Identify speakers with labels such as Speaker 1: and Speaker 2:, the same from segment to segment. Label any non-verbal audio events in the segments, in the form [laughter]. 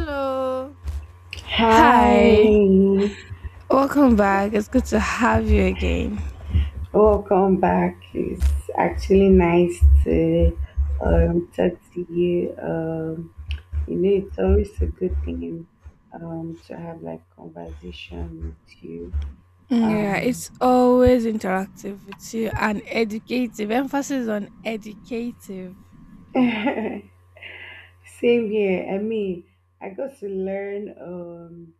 Speaker 1: Hello. Hi,
Speaker 2: Hi,
Speaker 1: welcome back. It's good to have you again.
Speaker 2: welcome back. It's actually nice to talk to you. It's always a good thing to have like conversation with you.
Speaker 1: Yeah,
Speaker 2: Uh,
Speaker 1: it's always interactive with you and educative. Emphasis on educative.
Speaker 2: [laughs] Same here. I mean, I got to learn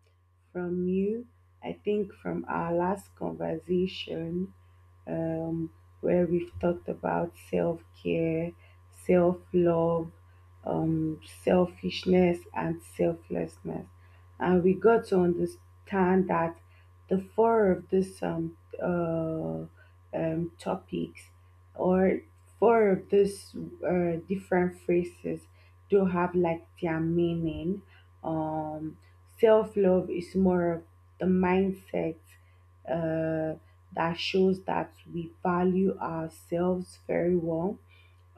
Speaker 2: from you. I think from our last conversation um, where we've talked about self care, self love, selfishness, and selflessness. And we got to understand that the four of these uh, topics or four of these different phrases do have like their meaning. Um, Self love is more of the mindset. Uh that shows that we value ourselves very well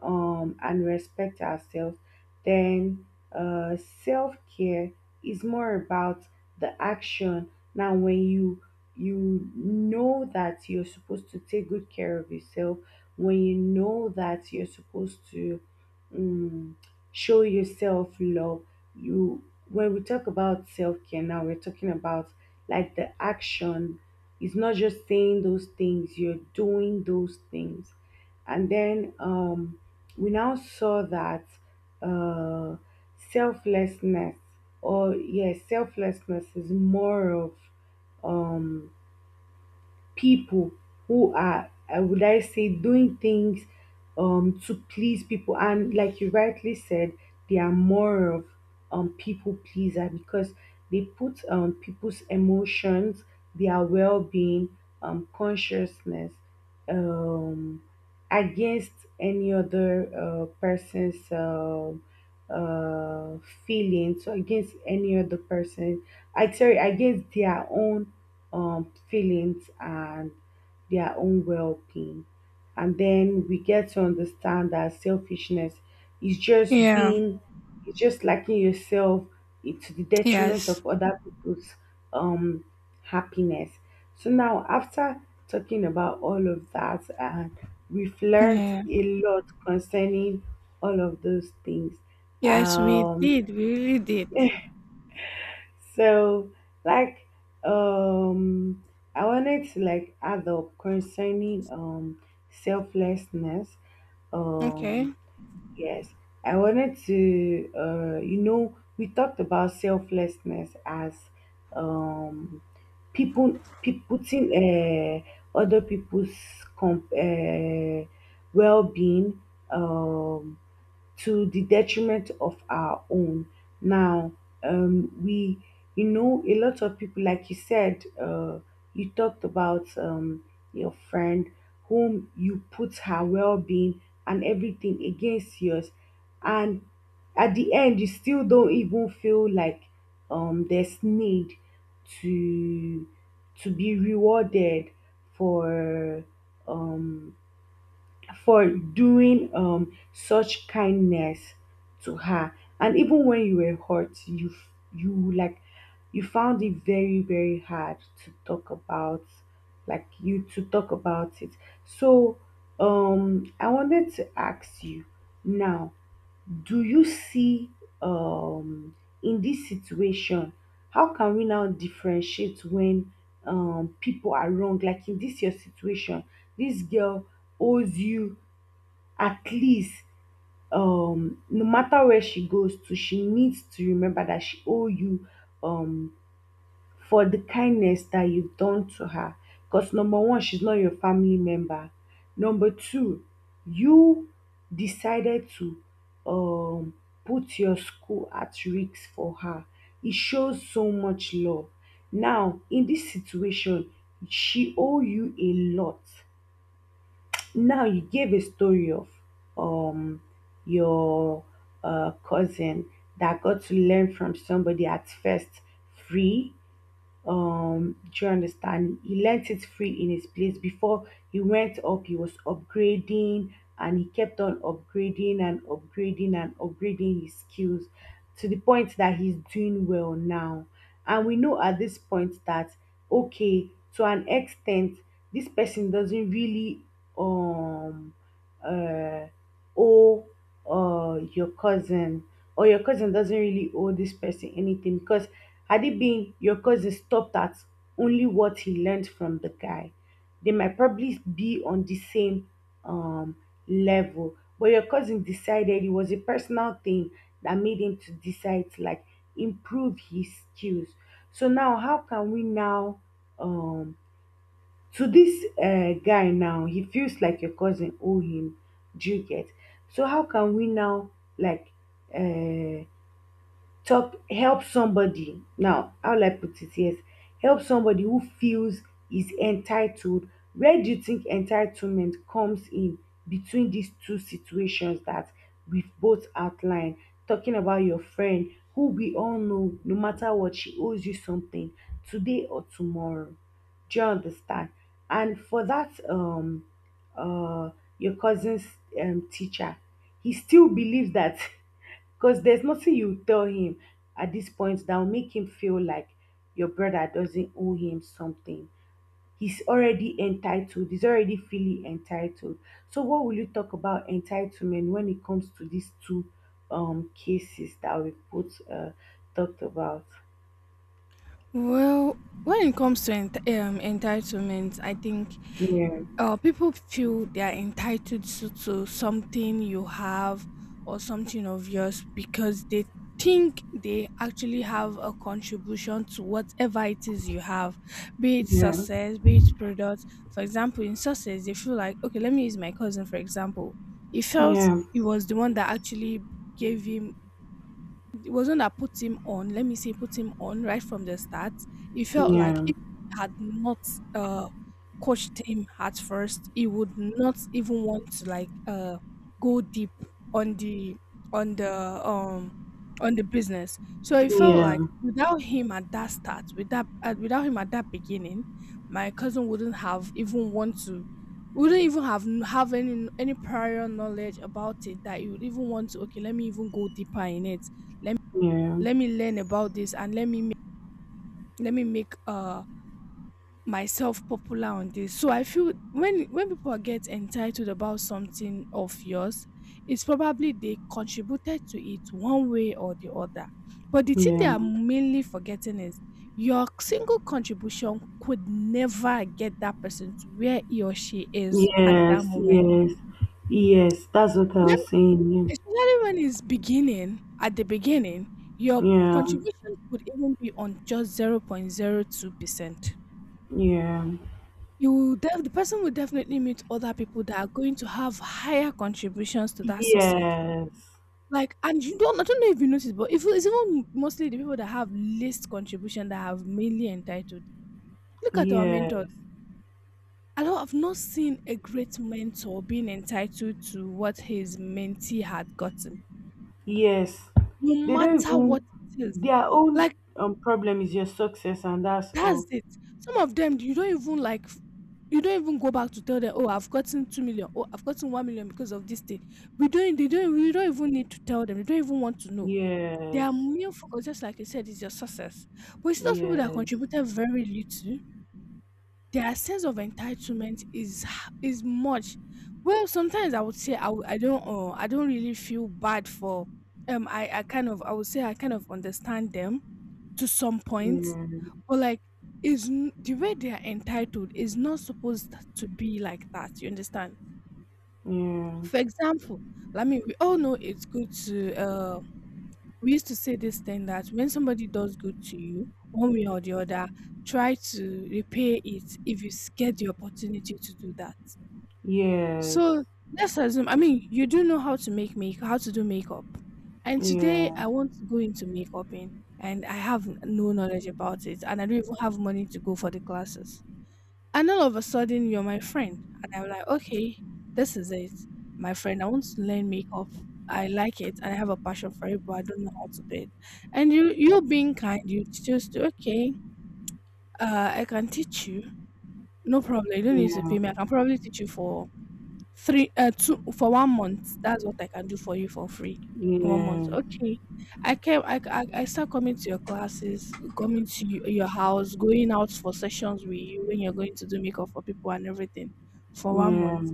Speaker 2: and respect ourselves, then self care is more about the action. Now, when you know that you're supposed to take good care of yourself, when you know that you're supposed to um, show yourself love, you when we talk about self care now, we're talking about like the action. It's not just saying those things; you're doing those things, and then we now saw that uh, selflessness, or yes, selflessness is more of um, people who are would I say doing things to please people, and like you rightly said they are more of people pleaser, because they put people's emotions, their well-being, consciousness um against any other person's uh feelings. So against any other person, I sorry, against their own feelings and their own well-being. And then we get to understand that selfishness is just
Speaker 1: Yeah,
Speaker 2: being, it's just liking yourself, it's to the detriment
Speaker 1: yes.
Speaker 2: of other people's um happiness. So now, after talking about all of that, and we've learned
Speaker 1: Yeah,
Speaker 2: a lot concerning all of those things.
Speaker 1: yes, we
Speaker 2: Um,
Speaker 1: did. We really did.
Speaker 2: so like, um, I wanted to like add up concerning selflessness. Um,
Speaker 1: Okay.
Speaker 2: yes, I wanted to, you know, we talked about selflessness as um people putting other people's comp- uh, well-being, um, to the detriment of our own. Now, we, you know, a lot of people, like you said, you talked about your friend whom you put her well being and everything against yours. And at the end, you still don't even feel like there's need to be rewarded for um, for doing such kindness to her. And even when you were hurt, you you like you found it very very hard to talk about, like you to talk about it. So I wanted to ask you now: Do you see, um, in this situation? How can we now differentiate when people are wrong? Like in this your situation, this girl owes you at least, no matter where she goes to she needs to remember that she owe you um for the kindness that you've done to her, because number one she's not your family member, number two you decided to um put your school at risk for her. It shows so much love. Now in this situation she owe you a lot. Now you gave a story of um your cousin that got to learn from somebody at first free. Do you understand, he learnt it free in his place before he went up, he was upgrading, and he kept on upgrading and upgrading and upgrading his skills to the point that he's doing well now. And we know at this point that okay, to an extent this person doesn't really um uh owe your cousin, or your cousin doesn't really owe this person anything, because had it been your cousin stopped at only what he learned from the guy, they might probably be on the same um, level. But your cousin decided it was a personal thing that made him to decide to like improve his skills. So now how can we now, um, to this guy now he feels like your cousin owe him, do you get? So how can we now, like, uh, talk help somebody now, how will I put it, yes, help somebody who feels is entitled? Where do you think entitlement comes in between these two situations that we've both outlined, talking about your friend who we all know no matter what she owes you something today or tomorrow, do you understand? And for that uh your cousin's teacher, he still believes that [laughs] because there's nothing you tell him at this point that will make him feel like your brother doesn't owe him something. He's already entitled. He's already feeling entitled. So what will you talk about entitlement when it comes to these two cases that we both talked about?
Speaker 1: Well, when it comes to entitlement, I think
Speaker 2: Yeah,
Speaker 1: people feel they are entitled to something you have or something of yours because they think they actually have a contribution to whatever it is you have, be it
Speaker 2: yeah,
Speaker 1: success, be it products. For example, in success, they feel like, okay, let me use my cousin for example. He felt
Speaker 2: yeah,
Speaker 1: he was the one that actually gave him it wasn't that put him on, let me say put him on right from the start. It felt like
Speaker 2: yeah,
Speaker 1: if he had not uh coached him at first, he would not even want to go deep on the on the um on the business. So it felt
Speaker 2: yeah,
Speaker 1: like without him at that start, without him at that beginning, my cousin wouldn't have even want to wouldn't even have any prior knowledge about it that you would even want to okay let me even go deeper in it let
Speaker 2: yeah,
Speaker 1: let me learn about this and let me let me make myself popular on this. So I feel when people get entitled about something of yours, it's probably they contributed to it one way or the other. But the thing they
Speaker 2: yeah.
Speaker 1: are mainly forgetting is your single contribution could never get that person to where he or she is at that
Speaker 2: Yes,
Speaker 1: moment.
Speaker 2: yes, yes. That's what I was saying.
Speaker 1: Especially when it's beginning, at the beginning, your
Speaker 2: Yeah,
Speaker 1: contribution could even be on just 0.02%.
Speaker 2: yeah.
Speaker 1: You will the person will definitely meet other people that are going to have higher contributions to that success.
Speaker 2: Yes.
Speaker 1: Like, and you don't, I don't know if you noticed, but if it's even mostly the people that have least contribution that have mainly entitled. Look at our
Speaker 2: Yeah.
Speaker 1: mentors. I've not seen a great mentor being entitled to what his mentee had gotten,
Speaker 2: Yes.
Speaker 1: no
Speaker 2: They don't
Speaker 1: matter what
Speaker 2: even,
Speaker 1: it is.
Speaker 2: their own
Speaker 1: Like
Speaker 2: problem is your success and that's
Speaker 1: That's
Speaker 2: all.
Speaker 1: it. Some of them, you don't even you don't even go back to tell them, oh, I've gotten 2 million, oh, I've gotten 1 million because of this thing. We don't even need to tell them. They don't even want to know. They
Speaker 2: Yes.
Speaker 1: are mere focus, just like you said, is your success. But you see those people that
Speaker 2: Yes.
Speaker 1: contributed very little, their sense of entitlement is is much. Well, sometimes I would say I don't really feel bad for. I kind of, I would say I kind of understand them to some point,
Speaker 2: Yeah.
Speaker 1: but like is the way they are entitled is not supposed to be like that. You understand?
Speaker 2: Yeah.
Speaker 1: For example, I mean, we all know it's good to. We used to say this thing that when somebody does good to you, one way or the other, try to repay it if you get the opportunity to do that.
Speaker 2: Yes.
Speaker 1: So let's assume, I mean, you do know how to make how to do makeup. And today
Speaker 2: Yeah.
Speaker 1: I want to go into makeuping and I have no knowledge about it and I don't even have money to go for the classes. And all of a sudden you're my friend. And I'm like, okay, this is it. My friend, I want to learn makeup. I like it and I have a passion for it, but I don't know how to do it. And you being kind, you just okay, I can teach you. No problem. You don't need to
Speaker 2: Yeah.
Speaker 1: pay me. I can probably teach you for Three, two for 1 month. That's what I can do for you for free.
Speaker 2: Yeah.
Speaker 1: 1 month.
Speaker 2: Yeah.
Speaker 1: Okay. I came. I start coming to your classes, coming to your house, going out for sessions with you when you're going to do makeup for people and everything for one
Speaker 2: Yeah.
Speaker 1: month.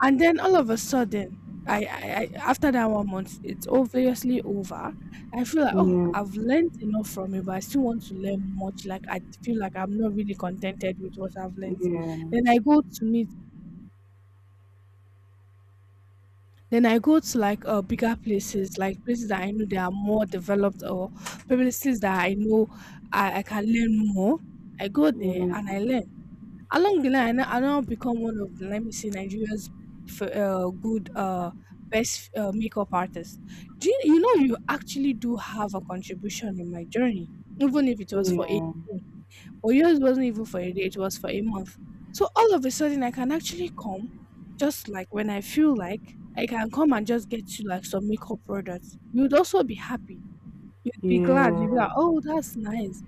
Speaker 1: And then all of a sudden, I, I, I after that 1 month, it's obviously over. I feel like oh,
Speaker 2: Yeah.
Speaker 1: I've learned enough from you, but I still want to learn much. Like I feel like I'm not really contented with what I've learned. Then I go to meet Then I go to like bigger places, like places that I know they are more developed or places that I know I can learn more. I go there
Speaker 2: Yeah.
Speaker 1: and I learn. Along the line, I now become one of the, let me see, Nigeria's f- uh, good, uh, best makeup artists. Do you, you know you actually do have a contribution in my journey, even if it was for a
Speaker 2: Yeah.
Speaker 1: but yours wasn't even for a day, it was for a month. So all of a sudden I can actually come just like when I feel like I can come and just get you like some makeup products. You'd also be happy. You'd be glad.
Speaker 2: Yeah.
Speaker 1: You'd be like, oh, that's nice.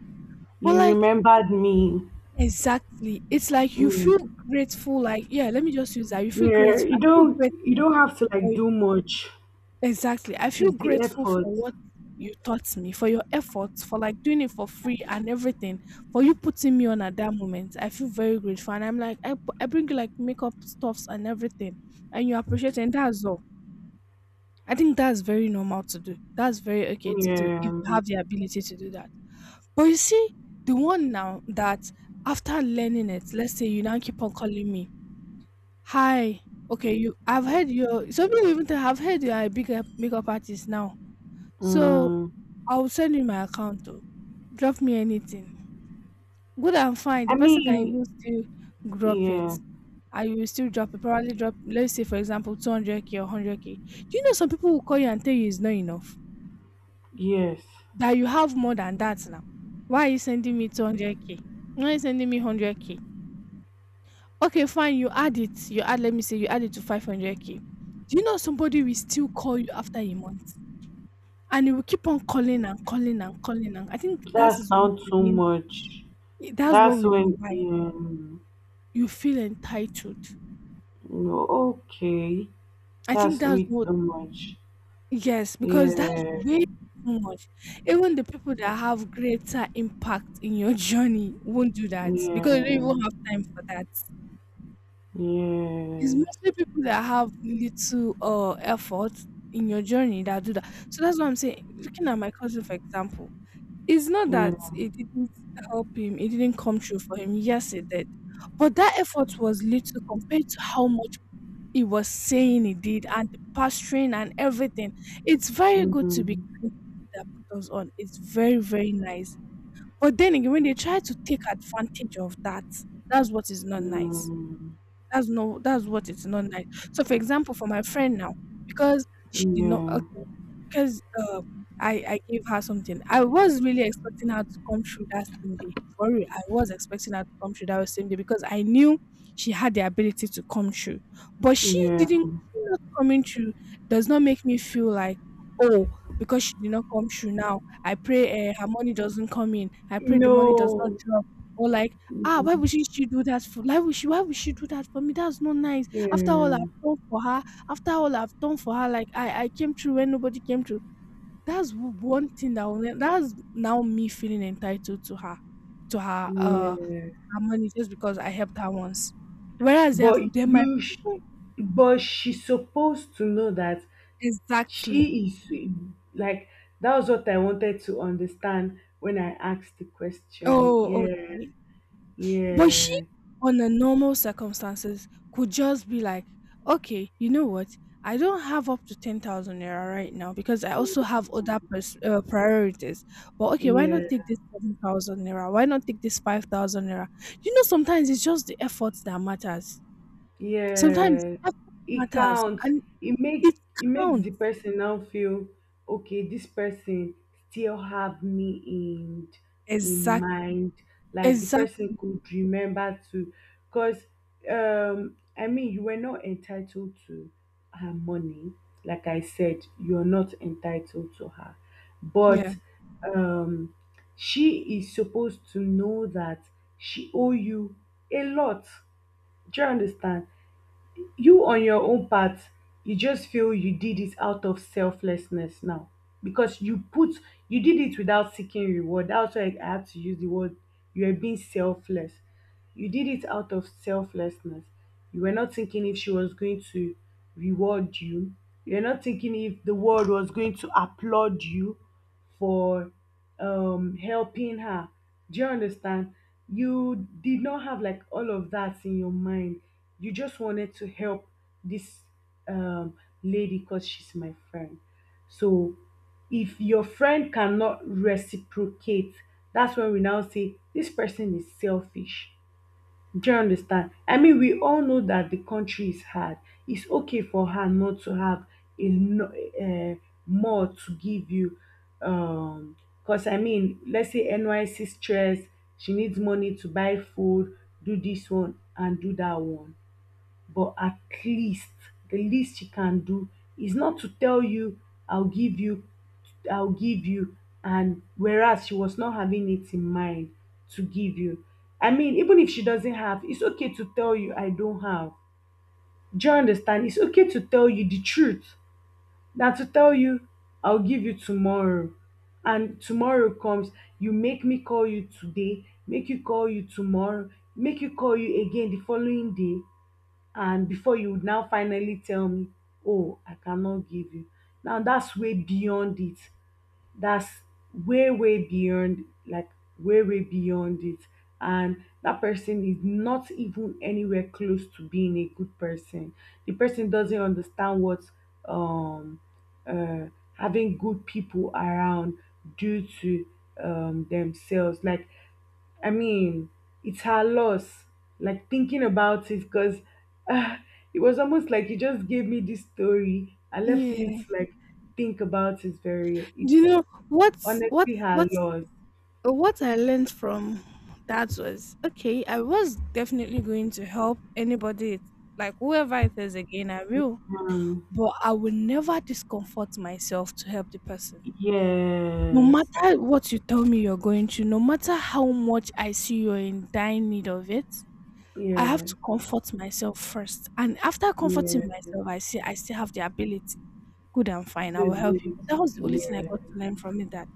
Speaker 1: But
Speaker 2: You
Speaker 1: like
Speaker 2: remembered me.
Speaker 1: exactly. It's like you feel
Speaker 2: Mm.
Speaker 1: grateful, like, yeah, let me just use that. You feel
Speaker 2: Yeah.
Speaker 1: grateful.
Speaker 2: You
Speaker 1: I feel
Speaker 2: don't, you
Speaker 1: grateful
Speaker 2: don't have to
Speaker 1: for
Speaker 2: like do much.
Speaker 1: Exactly. I feel
Speaker 2: It's the
Speaker 1: grateful
Speaker 2: effort.
Speaker 1: for what you taught me, for your efforts, for like doing it for free and everything, for you putting me on at that moment. I feel very grateful. And I'm like, I bring you like makeup stuffs and everything, and you appreciate it. And that's all. I think that's very normal to do. That's very okay to do if
Speaker 2: Yeah.
Speaker 1: you have the ability to do that. But you see, the one now that after learning it, let's say you now keep on calling me, hi. Okay, you. I've heard your. Some people even tell. I've heard you are a big makeup artist now, so
Speaker 2: Mm,
Speaker 1: I will send you my account though. Drop me anything. Good and fine. The
Speaker 2: I
Speaker 1: person can
Speaker 2: mean,
Speaker 1: even still drop
Speaker 2: yeah,
Speaker 1: it. And you will still drop it. Probably drop let's say for example 200K or 100K. Do you know some people will call you and tell you it's not enough?
Speaker 2: yes.
Speaker 1: That you have more than that now. Why are you sending me 200K? Why are you sending me 100K? Okay, fine, you add it. You add let me say you add it to 500K. Do you know somebody will still call you after a month? And he will keep on calling and calling and calling and I think that
Speaker 2: That's
Speaker 1: is what
Speaker 2: not
Speaker 1: we
Speaker 2: too
Speaker 1: mean
Speaker 2: much.
Speaker 1: I that's what
Speaker 2: That's
Speaker 1: we
Speaker 2: when,
Speaker 1: mean by
Speaker 2: um,
Speaker 1: you feel entitled.
Speaker 2: no, okay.
Speaker 1: I think
Speaker 2: That's
Speaker 1: that's
Speaker 2: way
Speaker 1: what
Speaker 2: too much.
Speaker 1: yes, because that's way
Speaker 2: Yeah,
Speaker 1: too much. Even the people that have greater impact in your [laughs] journey won't do that because they don't
Speaker 2: yeah,
Speaker 1: even have time for that. It's
Speaker 2: yes,
Speaker 1: mostly people that have little effort in your journey that do that. So that's what I'm saying. Looking at my cousin, for example, it's not that
Speaker 2: yeah.
Speaker 1: it didn't help him, it didn't come true for him. Yes, it did. But that effort was little compared to how much He was saying he did, and the pastoring and everything. It's very good to be kind
Speaker 2: Mm-hmm.
Speaker 1: to that put us on. It's very, very nice. But then again, when they try to take advantage of that, that's what is not nice.
Speaker 2: Mm,
Speaker 1: That's what it's not nice. So, for example, for my friend now, because she did not
Speaker 2: yeah,
Speaker 1: okay, because I gave her something. I was really expecting her to come through that same day. For real, I was expecting her to come through that same day because I knew she had the ability to come through. But she
Speaker 2: yeah.
Speaker 1: didn't. She not coming through does not make me feel like oh because she did not come through now. I pray her money doesn't come in. I pray the money does not
Speaker 2: No.
Speaker 1: drop. Or like Ah, why would she do that for Like, would she why would she do that for me? That's not nice. After all I've
Speaker 2: Yeah,
Speaker 1: done for her, after all I've done for her, like I came through when nobody came through. One thing that will, that's now me feeling entitled to her, to her uh
Speaker 2: yeah.
Speaker 1: her money just because I helped her once. Whereas
Speaker 2: But
Speaker 1: there might
Speaker 2: you,
Speaker 1: be people
Speaker 2: but she's supposed to know that
Speaker 1: exactly.
Speaker 2: she is like, that was what I wanted to understand when I asked the question.
Speaker 1: Oh,
Speaker 2: Yeah,
Speaker 1: okay. But she,
Speaker 2: yeah,
Speaker 1: under normal circumstances, could just be like, okay, you know what? I don't have up to 10,000 naira right now because I also have other priorities. But okay, why
Speaker 2: yeah.
Speaker 1: not take this 7,000 naira? Why not take this 5,000 naira? You know, sometimes it's just the effort that matters. Sometimes
Speaker 2: Yeah,
Speaker 1: effort
Speaker 2: it
Speaker 1: matters
Speaker 2: counts.
Speaker 1: and
Speaker 2: It
Speaker 1: it
Speaker 2: make it makes
Speaker 1: counts.
Speaker 2: the person now feel okay. This person still have me in
Speaker 1: Exact,
Speaker 2: mind. Like the
Speaker 1: exact.
Speaker 2: person could remember to, cause I mean you were not entitled to her money. Like I said, you're not entitled to her,
Speaker 1: Yeah.
Speaker 2: but um she is supposed to know that she owe you a lot. Do you understand? You on your own part, you just feel you did it out of selflessness now, because you put, you did it without seeking reward. That's why I have to use the word you are being selfless. You did it out of selflessness. You were not thinking if she was going to reward you. You're not thinking if the world was going to applaud you for helping her. Do you understand? You did not have like all of that in your mind. You just wanted to help this um, lady because she's my friend. So if your friend cannot reciprocate, that's when we now say this person is selfish. Do you get understand, I mean we all know that the country is hard. It's okay for her not to have a um more to give you, um because I mean let's say NYSC stress, she needs money to buy food, do this one and do that one. But at least, the least she can do is not to tell you I'll give you, I'll give you, and whereas she was not having it in mind to give you. I mean, even if she doesn't have, it's okay to tell you I don't have. Do you understand? It's okay to tell you the truth, than to tell you I'll give you tomorrow, and tomorrow comes, you make me call you today, make you call you tomorrow, make you call you again the following day, and before you would now finally tell me, oh, I cannot give you. Now that's way beyond it. That's way, way beyond, like, way, way beyond it. And that person is not even anywhere close to being a good person. The person doesn't understand what um, uh, having good people around do to themselves. Like, I mean, it's her loss. Like thinking about it, because uh, it was almost like you just gave me this story and left me to
Speaker 1: Yeah.
Speaker 2: like think about it very.
Speaker 1: Do you
Speaker 2: It's
Speaker 1: know what's
Speaker 2: honestly
Speaker 1: what's
Speaker 2: her
Speaker 1: what's
Speaker 2: loss.
Speaker 1: But what I learned from that was okay, I was definitely going to help anybody, like whoever it is again, I will.
Speaker 2: Um,
Speaker 1: But I will never discomfort myself to help the person. No
Speaker 2: yes,
Speaker 1: matter what you tell me you're going to, no matter how much I see you're in dire need of it, I have
Speaker 2: yeah,
Speaker 1: to comfort myself first. And after comforting
Speaker 2: yeah.
Speaker 1: myself, I see I still have the ability. Good and fine, I will
Speaker 2: This
Speaker 1: help
Speaker 2: is
Speaker 1: you.
Speaker 2: it.
Speaker 1: But that was the only thing I
Speaker 2: Yeah,
Speaker 1: got to learn from it that.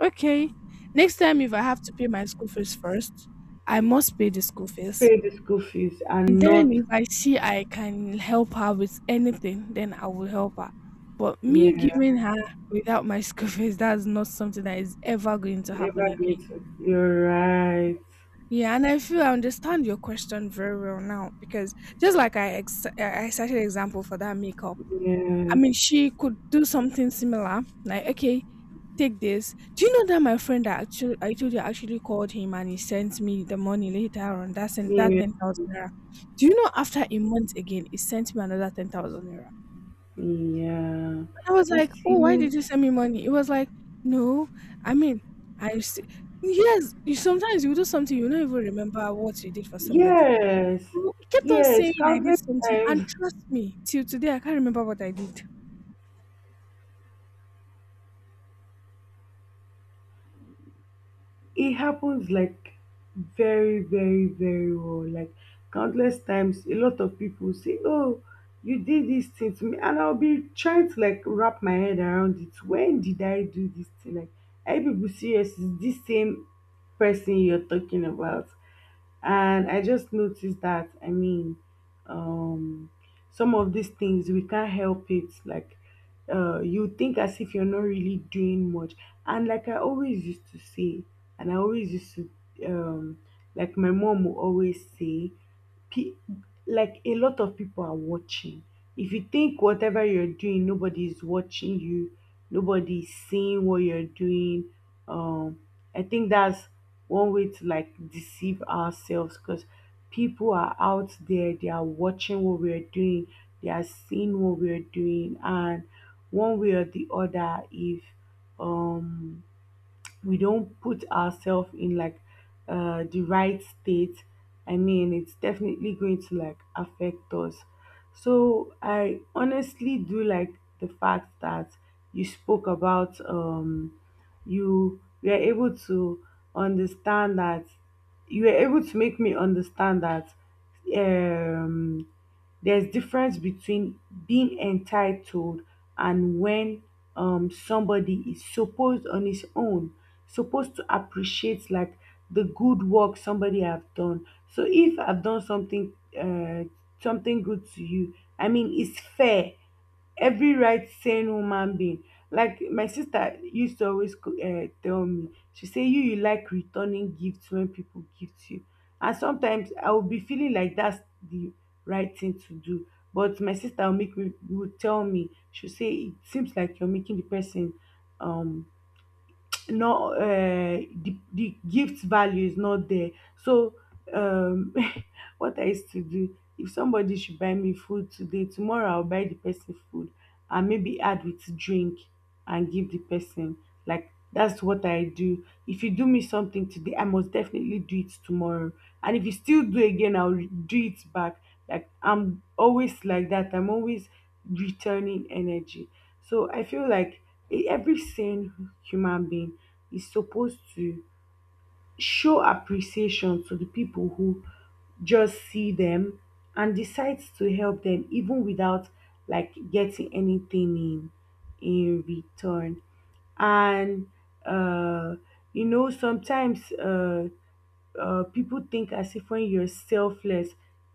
Speaker 1: Okay. Next time, if I have to pay my school fees first, I must pay the school fees.
Speaker 2: pay the school fees
Speaker 1: And
Speaker 2: and not
Speaker 1: then, if I see I can help her with anything, then I will help her. But me
Speaker 2: yeah
Speaker 1: giving her without my school [laughs] fees, that's not something that is ever going to happen
Speaker 2: ever get.
Speaker 1: again.
Speaker 2: It. You're right.
Speaker 1: Yeah, and I feel I understand your question very well now because just like I ex- I cited example for that makeup, I
Speaker 2: Yeah,
Speaker 1: mean, she could do something similar. Like, okay, take this. Do you know that my friend that actually I told you actually called him and he sent me the money later on? That sent that
Speaker 2: yeah,
Speaker 1: 10,000 naira. Do you know after a month again he sent me another 10,000 naira?
Speaker 2: yeah.
Speaker 1: I was
Speaker 2: You
Speaker 1: like, oh, why
Speaker 2: see.
Speaker 1: did you send me money? It was like, no, I mean, I s- yes. You sometimes you do something you don't even remember what you did for somebody.
Speaker 2: Yes,
Speaker 1: You kept on
Speaker 2: yes,
Speaker 1: saying I did
Speaker 2: countless
Speaker 1: something,
Speaker 2: times
Speaker 1: and trust me, till today I can't remember what I did.
Speaker 2: it happens, like very, very, very well. Like countless times, a lot of people say, "Oh, you did this thing to me," and I'll be trying to like wrap my head around it. When did I do this thing? Like, are you people serious? Is this same person you're talking about? And I just noticed that, I mean, um, some of these things we can't help it. Like, you think as if you're not really doing much. And like I always used to say, and I always used to, um, like my mom will always say, pe- like a lot of people are watching. If you think whatever you're doing, nobody is watching you, nobody is seeing what you're doing. Um, I think that's one way to like deceive ourselves because people are out there, they are watching what we're doing, they are seeing what we're doing, and one way or the other, if um we don't put ourselves in like the right state. I mean it's definitely going to like affect us. So I honestly do like the fact that you spoke about, you were able to understand that, you were able to make me understand that um there's difference between being entitled and when somebody is supposed on his own supposed to appreciate like the good work somebody have done. So if I've done something uh something good to you, I mean it's fair every right sane woman being. Like my sister used to always tell me, she say you like returning gifts when people gift you, and sometimes I will be feeling like that's the right thing to do. But my sister will make me will tell me, she say it seems like you're making the person um not the gift value is not there. So um [laughs] what I used to do, if somebody should buy me food today, tomorrow I'll buy the person food and maybe add with drink and give the person. Like that's what I do. If you do me something today, I must definitely do it tomorrow, and if you still do again, I'll do it back. Like I'm always like that. I'm always returning energy. So I feel like every sane human being is supposed to show appreciation to the people who just see them and decides to help them even without like getting anything in return. And uh sometimes people think as if when you're selfless,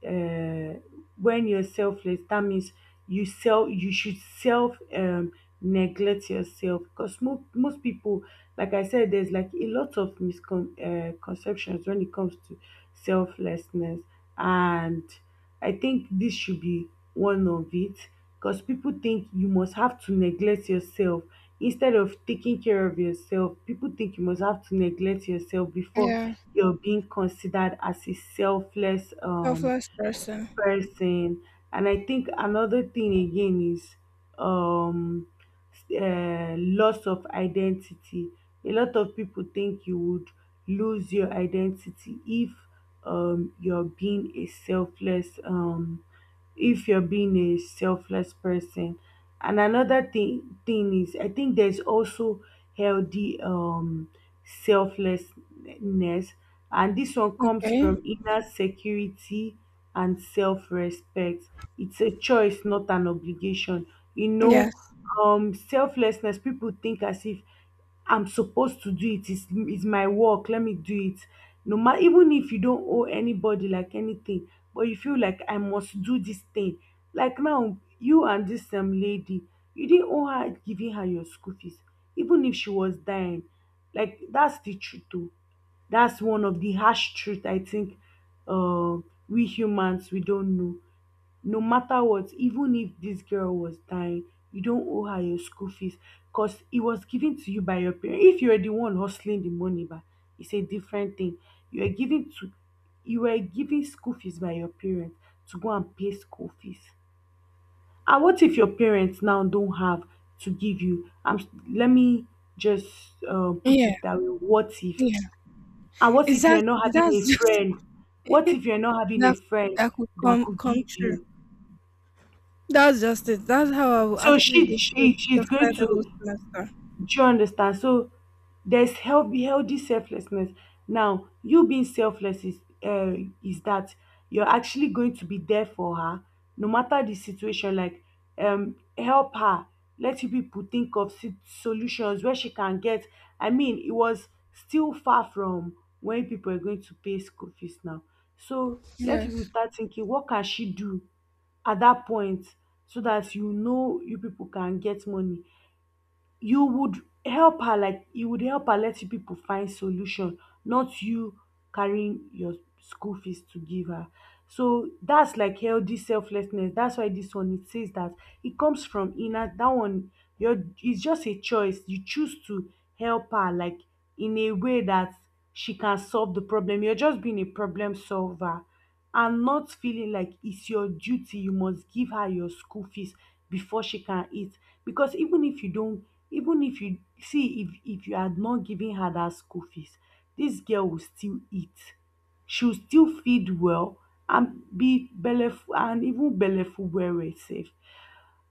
Speaker 2: uh, when you're selfless, that means you should self neglect yourself because most people, like I said, there's like a lot of misconceptions when it comes to selflessness, and I think this should be one of it because people think you must have to neglect yourself. Instead of taking care of yourself, people think you must have to neglect yourself before
Speaker 1: Yeah,
Speaker 2: you're being considered as a selfless
Speaker 1: selfless person.
Speaker 2: person. And I think another thing again is um loss of identity. A lot of people think you would lose your identity if you're being a selfless if you're being a selfless person. And another thing is, I think there's also healthy selflessness, and this one comes
Speaker 1: Okay.
Speaker 2: from inner security and self-respect. It's a choice, not an obligation. You know,
Speaker 1: Yes.
Speaker 2: selflessness, people think as if I'm supposed to do it. It's my work, let me do it. No matter, even if you don't owe anybody like anything, but you feel like I must do this thing. Like now, you and this lady, you didn't owe her giving her your school fees, even if she was dying. Like that's the truth though. That's one of the harsh truth, I think uh, we humans we don't know. No matter what, even if this girl was dying, you don't owe her your school fees because it was given to you by your parents. If you're the one hustling the money, but it's a different thing. You are giving to You were given school fees by your parents to go and pay school fees. And what if your parents now don't have to give you? Let me just put
Speaker 1: Yeah.
Speaker 2: it that way. What if?
Speaker 1: Yeah.
Speaker 2: And what if you are not
Speaker 1: Exactly.
Speaker 2: having a
Speaker 1: That's just
Speaker 2: friend? What
Speaker 1: [laughs]
Speaker 2: if you are not having a
Speaker 1: that
Speaker 2: friend
Speaker 1: that could
Speaker 2: that
Speaker 1: come
Speaker 2: could
Speaker 1: come
Speaker 2: give
Speaker 1: true.
Speaker 2: you?
Speaker 1: That's just it. That's how I will
Speaker 2: So
Speaker 1: actually
Speaker 2: she
Speaker 1: do to
Speaker 2: she she's going
Speaker 1: the whole
Speaker 2: to,
Speaker 1: semester.
Speaker 2: do you understand? So there's healthy, healthy selflessness. Now, you being selfless uh, is that you're actually going to be there for her, no matter the situation. Like, help her. Let you people think of solutions where she can get. I mean, it was still far from when people are going to pay school fees now. So let people
Speaker 1: Yes.
Speaker 2: start thinking, what can she do at that point so that you know you people can get money. You would help her, like you would help her, let you people find solution, not you carrying your school fees to give her. So that's like healthy selflessness. That's why this one it says that it comes from inner, that one. Your It's just a choice. You choose to help her like in a way that she can solve the problem. You're just being a problem solver and not feeling like it's your duty, you must give her your school fees before she can eat. Because even if you don't, even if you see, if you had not given her that school fees, this girl will still eat. She will still feed well and be belleful and even belleful well well sef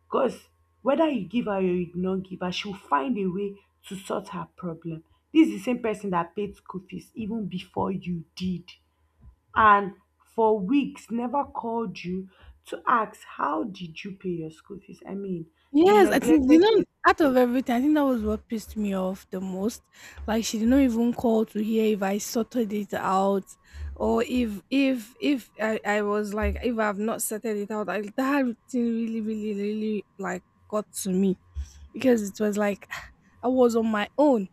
Speaker 2: because whether you give her or you no give her, she will find a way to sort her problem. This is the same person that paid school fees even before you did, and for weeks never called you to ask how did you pay your school fees. I mean, you
Speaker 1: Yes, I think you
Speaker 2: neglected
Speaker 1: know
Speaker 2: your,
Speaker 1: out of everything, I think that was what pissed me off the most. Like she did not even call to hear if I sorted it out or if if I was like if I've not sorted it out. Like that thing really, really, really like got to me because it was like I was on my own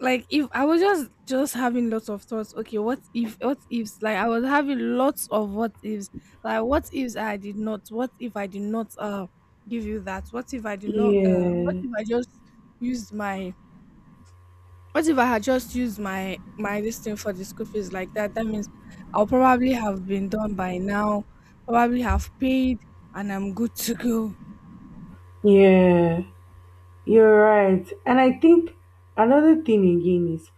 Speaker 1: like if I was just having lots of thoughts. Okay, what if what ifs? Like I was having lots of what ifs. Like what ifs I did not? What if I did not give you that? What if I did not
Speaker 2: yeah,
Speaker 1: what if I just used my what if I had just used my this thing for the school fees like that? That means I'll probably have been done by now, probably have paid and I'm good to go.
Speaker 2: yeah. You're right. And I think another thing again is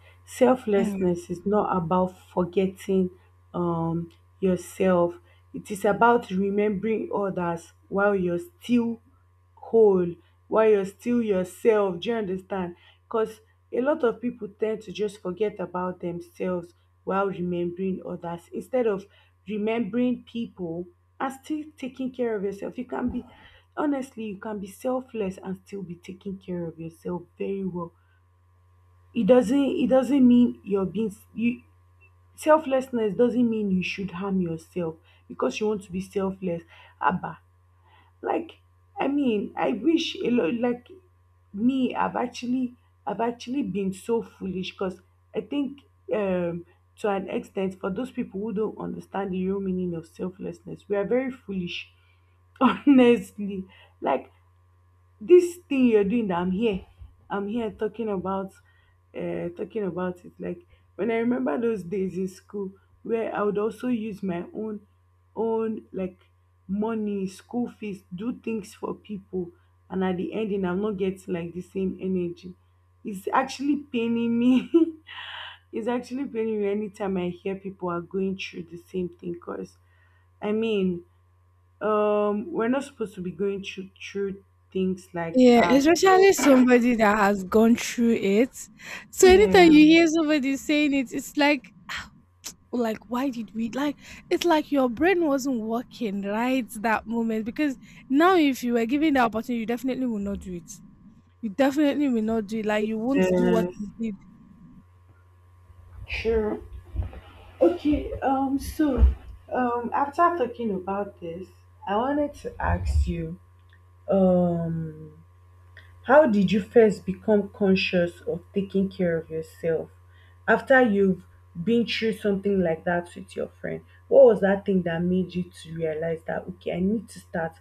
Speaker 1: Hmm.
Speaker 2: selflessness is not about forgetting um, yourself. It is about remembering others while you're still whole, while you're still yourself. Do you understand? Because a lot of people tend to just forget about themselves while remembering others instead of remembering people and still taking care of yourself. You can be, honestly, you can be selfless and still be taking care of yourself very well. It doesn't mean you're being, you, selflessness doesn't mean you should harm yourself because you want to be selfless. Abba, like, I mean, I wish a lot, like, me I've actually been so foolish because I think um to an extent, for those people who don't understand the real meaning of selflessness, we are very foolish. [laughs] Honestly, like this thing you're doing that I'm here talking about it. Like, when I remember those days in school where I would also use my own like money school fees do things for people, and at the ending I'm not getting like the same energy, it's actually paining me. [laughs] It's actually paining me anytime I hear people are going through the same thing because I mean we're not supposed to be going through things like
Speaker 1: Yeah,
Speaker 2: that.
Speaker 1: especially
Speaker 2: So
Speaker 1: somebody that has gone through it. So anytime
Speaker 2: yeah,
Speaker 1: you hear somebody saying it, it's like why did we like it's like your brain wasn't working right that moment because now if you were given the opportunity you definitely will not do it, you definitely will not do it, like you won't do what
Speaker 2: yes,
Speaker 1: you did.
Speaker 2: sure. Okay, so, after talking about this, I wanted to ask you, um how did you first become conscious of taking care of yourself after you've been through something like that with your friend? What was that thing that made you to realize that, okay, I need to start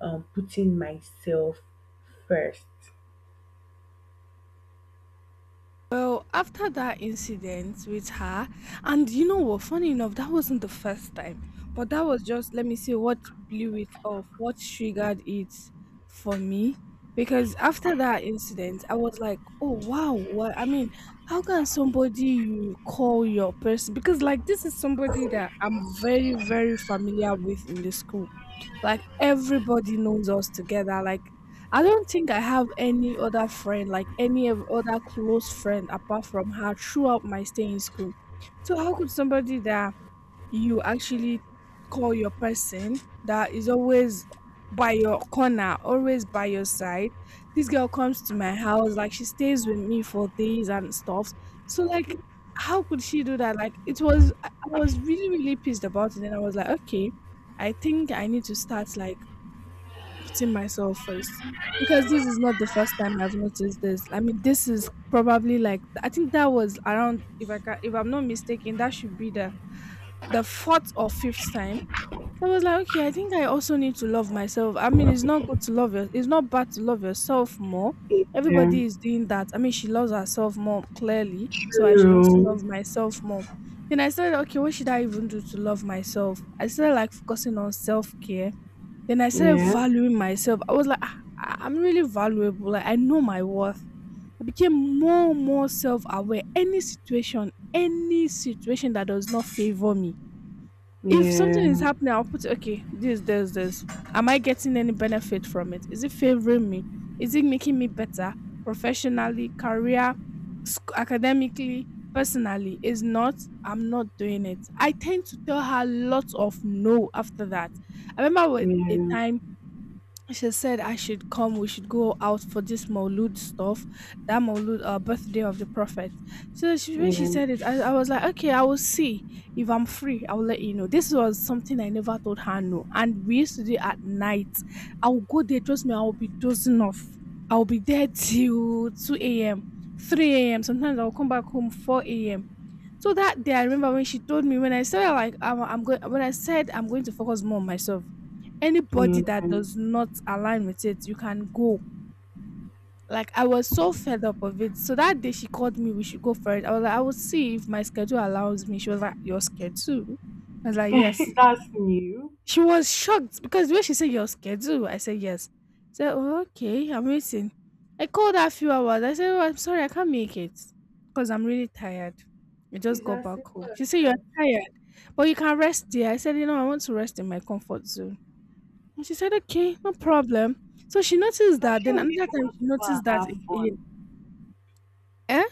Speaker 2: putting myself first?
Speaker 1: Well, after that incident with her, and you know what? Funny enough, that wasn't the first time, but that was just let me see what blew it off, what triggered it for me. Because after that incident, I was like, oh wow, what I mean, how can somebody you call your person? Because like this is somebody that I'm very, very familiar with in the school, like everybody knows us together. Like I don't think I have any other friend, like any of other close friend apart from her throughout my stay in school. So how could somebody that you actually call your person that is always by your corner, always by your side. This girl comes to my house, like she stays with me for days and stuff. So like how could she do that? Like it was I was really, really pissed about it and I was like, okay, I think I need to start like putting myself first. Because this is not the first time I've noticed this. I mean, this is probably like I think that was around if I can, if I'm not mistaken, that should be the fourth or fifth time. I was like, okay, I think I also need to love myself. I mean, it's not good to love your, it's not bad to love yourself more.
Speaker 2: Yeah,
Speaker 1: Everybody is doing that. I mean, she loves herself more clearly, so I should also
Speaker 2: true.
Speaker 1: love myself more. Then I said, okay, what should I even do to love myself? I started like focusing on self care. Then I started
Speaker 2: Yeah,
Speaker 1: valuing myself. I was like, "Ah, I'm really valuable. Like I know my worth. I became more and more self aware. Any situation that does not favor me, if something
Speaker 2: yeah,
Speaker 1: is happening, I'll put it, okay, this, this, this. Am I getting any benefit from it? Is it favoring me? Is it making me better professionally, career, academically, personally? Is not, I'm not doing it. I tend to tell her lots of no after that. I remember with a
Speaker 2: yeah,
Speaker 1: time she said I should come. We should go out for this Maulud stuff, that Maulud birthday of the Prophet. So she, when she
Speaker 2: yeah,
Speaker 1: said it, I was like, okay, I will see if I'm free. I will let you know. This was something I never told her no, and we used to do it at night. I will go there. Trust me, I will be dozing off. I will be there till two a.m., three a.m. Sometimes I will come back home 4 a.m. so that day, I remember when she told me when I said like I'm going when I said I'm going to focus more on myself. Anybody
Speaker 2: yeah.
Speaker 1: that does not align with it, you can go. Like I was so fed up of it. So that day she called me, we should go for it. I was like, I will see if my schedule allows me. She was like, your schedule? I was like,
Speaker 2: [laughs]
Speaker 1: yes.
Speaker 2: That's new.
Speaker 1: She was shocked because when she said your schedule, I said yes. So oh, okay, I'm waiting. I called her a few hours. I said, oh, I'm sorry, I can't make it because I'm really tired. I just
Speaker 2: It's
Speaker 1: got
Speaker 2: as
Speaker 1: back
Speaker 2: simple
Speaker 1: home. She
Speaker 2: as
Speaker 1: said, you're
Speaker 2: that.
Speaker 1: tired, but you can rest there. I said, you know, I want to rest in my comfort zone. And she said, okay, no problem. So she noticed
Speaker 2: Because
Speaker 1: that.
Speaker 2: she
Speaker 1: Then
Speaker 2: will be
Speaker 1: another
Speaker 2: the
Speaker 1: time,
Speaker 2: one
Speaker 1: she
Speaker 2: to go
Speaker 1: noticed
Speaker 2: and
Speaker 1: that
Speaker 2: have
Speaker 1: again.
Speaker 2: fun.
Speaker 1: Eh?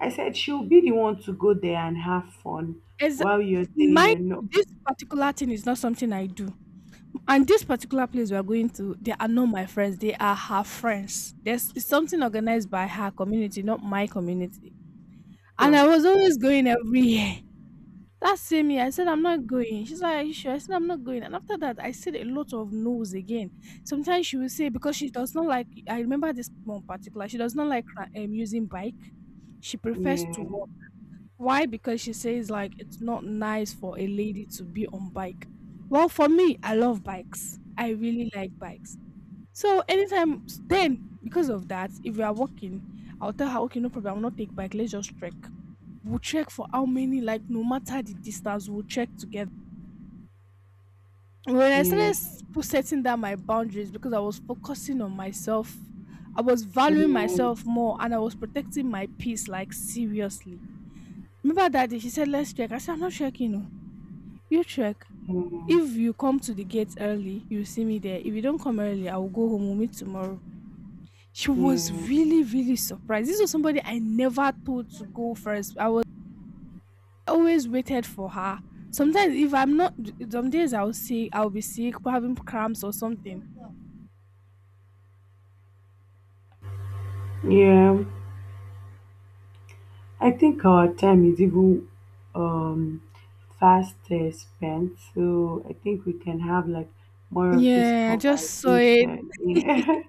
Speaker 2: I said she'll be the one to go there and have fun
Speaker 1: As
Speaker 2: while you're there,
Speaker 1: my
Speaker 2: you're not.
Speaker 1: this particular thing is not something I do. And this particular place we are going to, they are not my friends. They are her friends. There's it's something organized by her community, not my community. And
Speaker 2: So,
Speaker 1: I was always going every year. That same year, I said I'm not going. She's like, "Are you sure?" I said, "I'm not going." And after that, I said a lot of no's again. Sometimes she will say because she does not like. I remember this one particular. She does not like using bike. She prefers to
Speaker 2: yeah,
Speaker 1: walk. Why? Because she says like it's not nice for a lady to be on bike. Well, for me, I love bikes. I really like bikes. So anytime then, because of that, if we are walking, I'll tell her, okay, no problem, I'll not take bike, let's just trek. We'll check for how many, like no matter the distance, we'll check together. When I started
Speaker 2: yeah,
Speaker 1: setting down my boundaries because I was focusing on myself, I was valuing
Speaker 2: yeah,
Speaker 1: myself more and I was protecting my peace like seriously. Remember that day she said, let's check. I said, I'm not checking. Utrecht.
Speaker 2: yeah,
Speaker 1: If you come to the gate early, you'll see me there. If you don't come early, I will go home. We'll meet tomorrow. She was
Speaker 2: yeah,
Speaker 1: really, really surprised. This was somebody I never told to go first. I was always waited for her. Sometimes, if I'm not, some days I'll see, I'll be sick, having cramps or something.
Speaker 2: yeah. I think our time is even um, fast spent, so I think we can have like more of this
Speaker 1: Yeah, I just saw it.
Speaker 2: conversation.
Speaker 1: [laughs] we
Speaker 2: Yeah,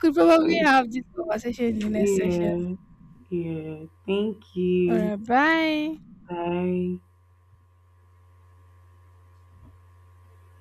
Speaker 1: could probably have this conversation in the
Speaker 2: [laughs]
Speaker 1: next session.
Speaker 2: yeah, yeah. Thank
Speaker 1: All right,
Speaker 2: you.
Speaker 1: bye.
Speaker 2: Bye.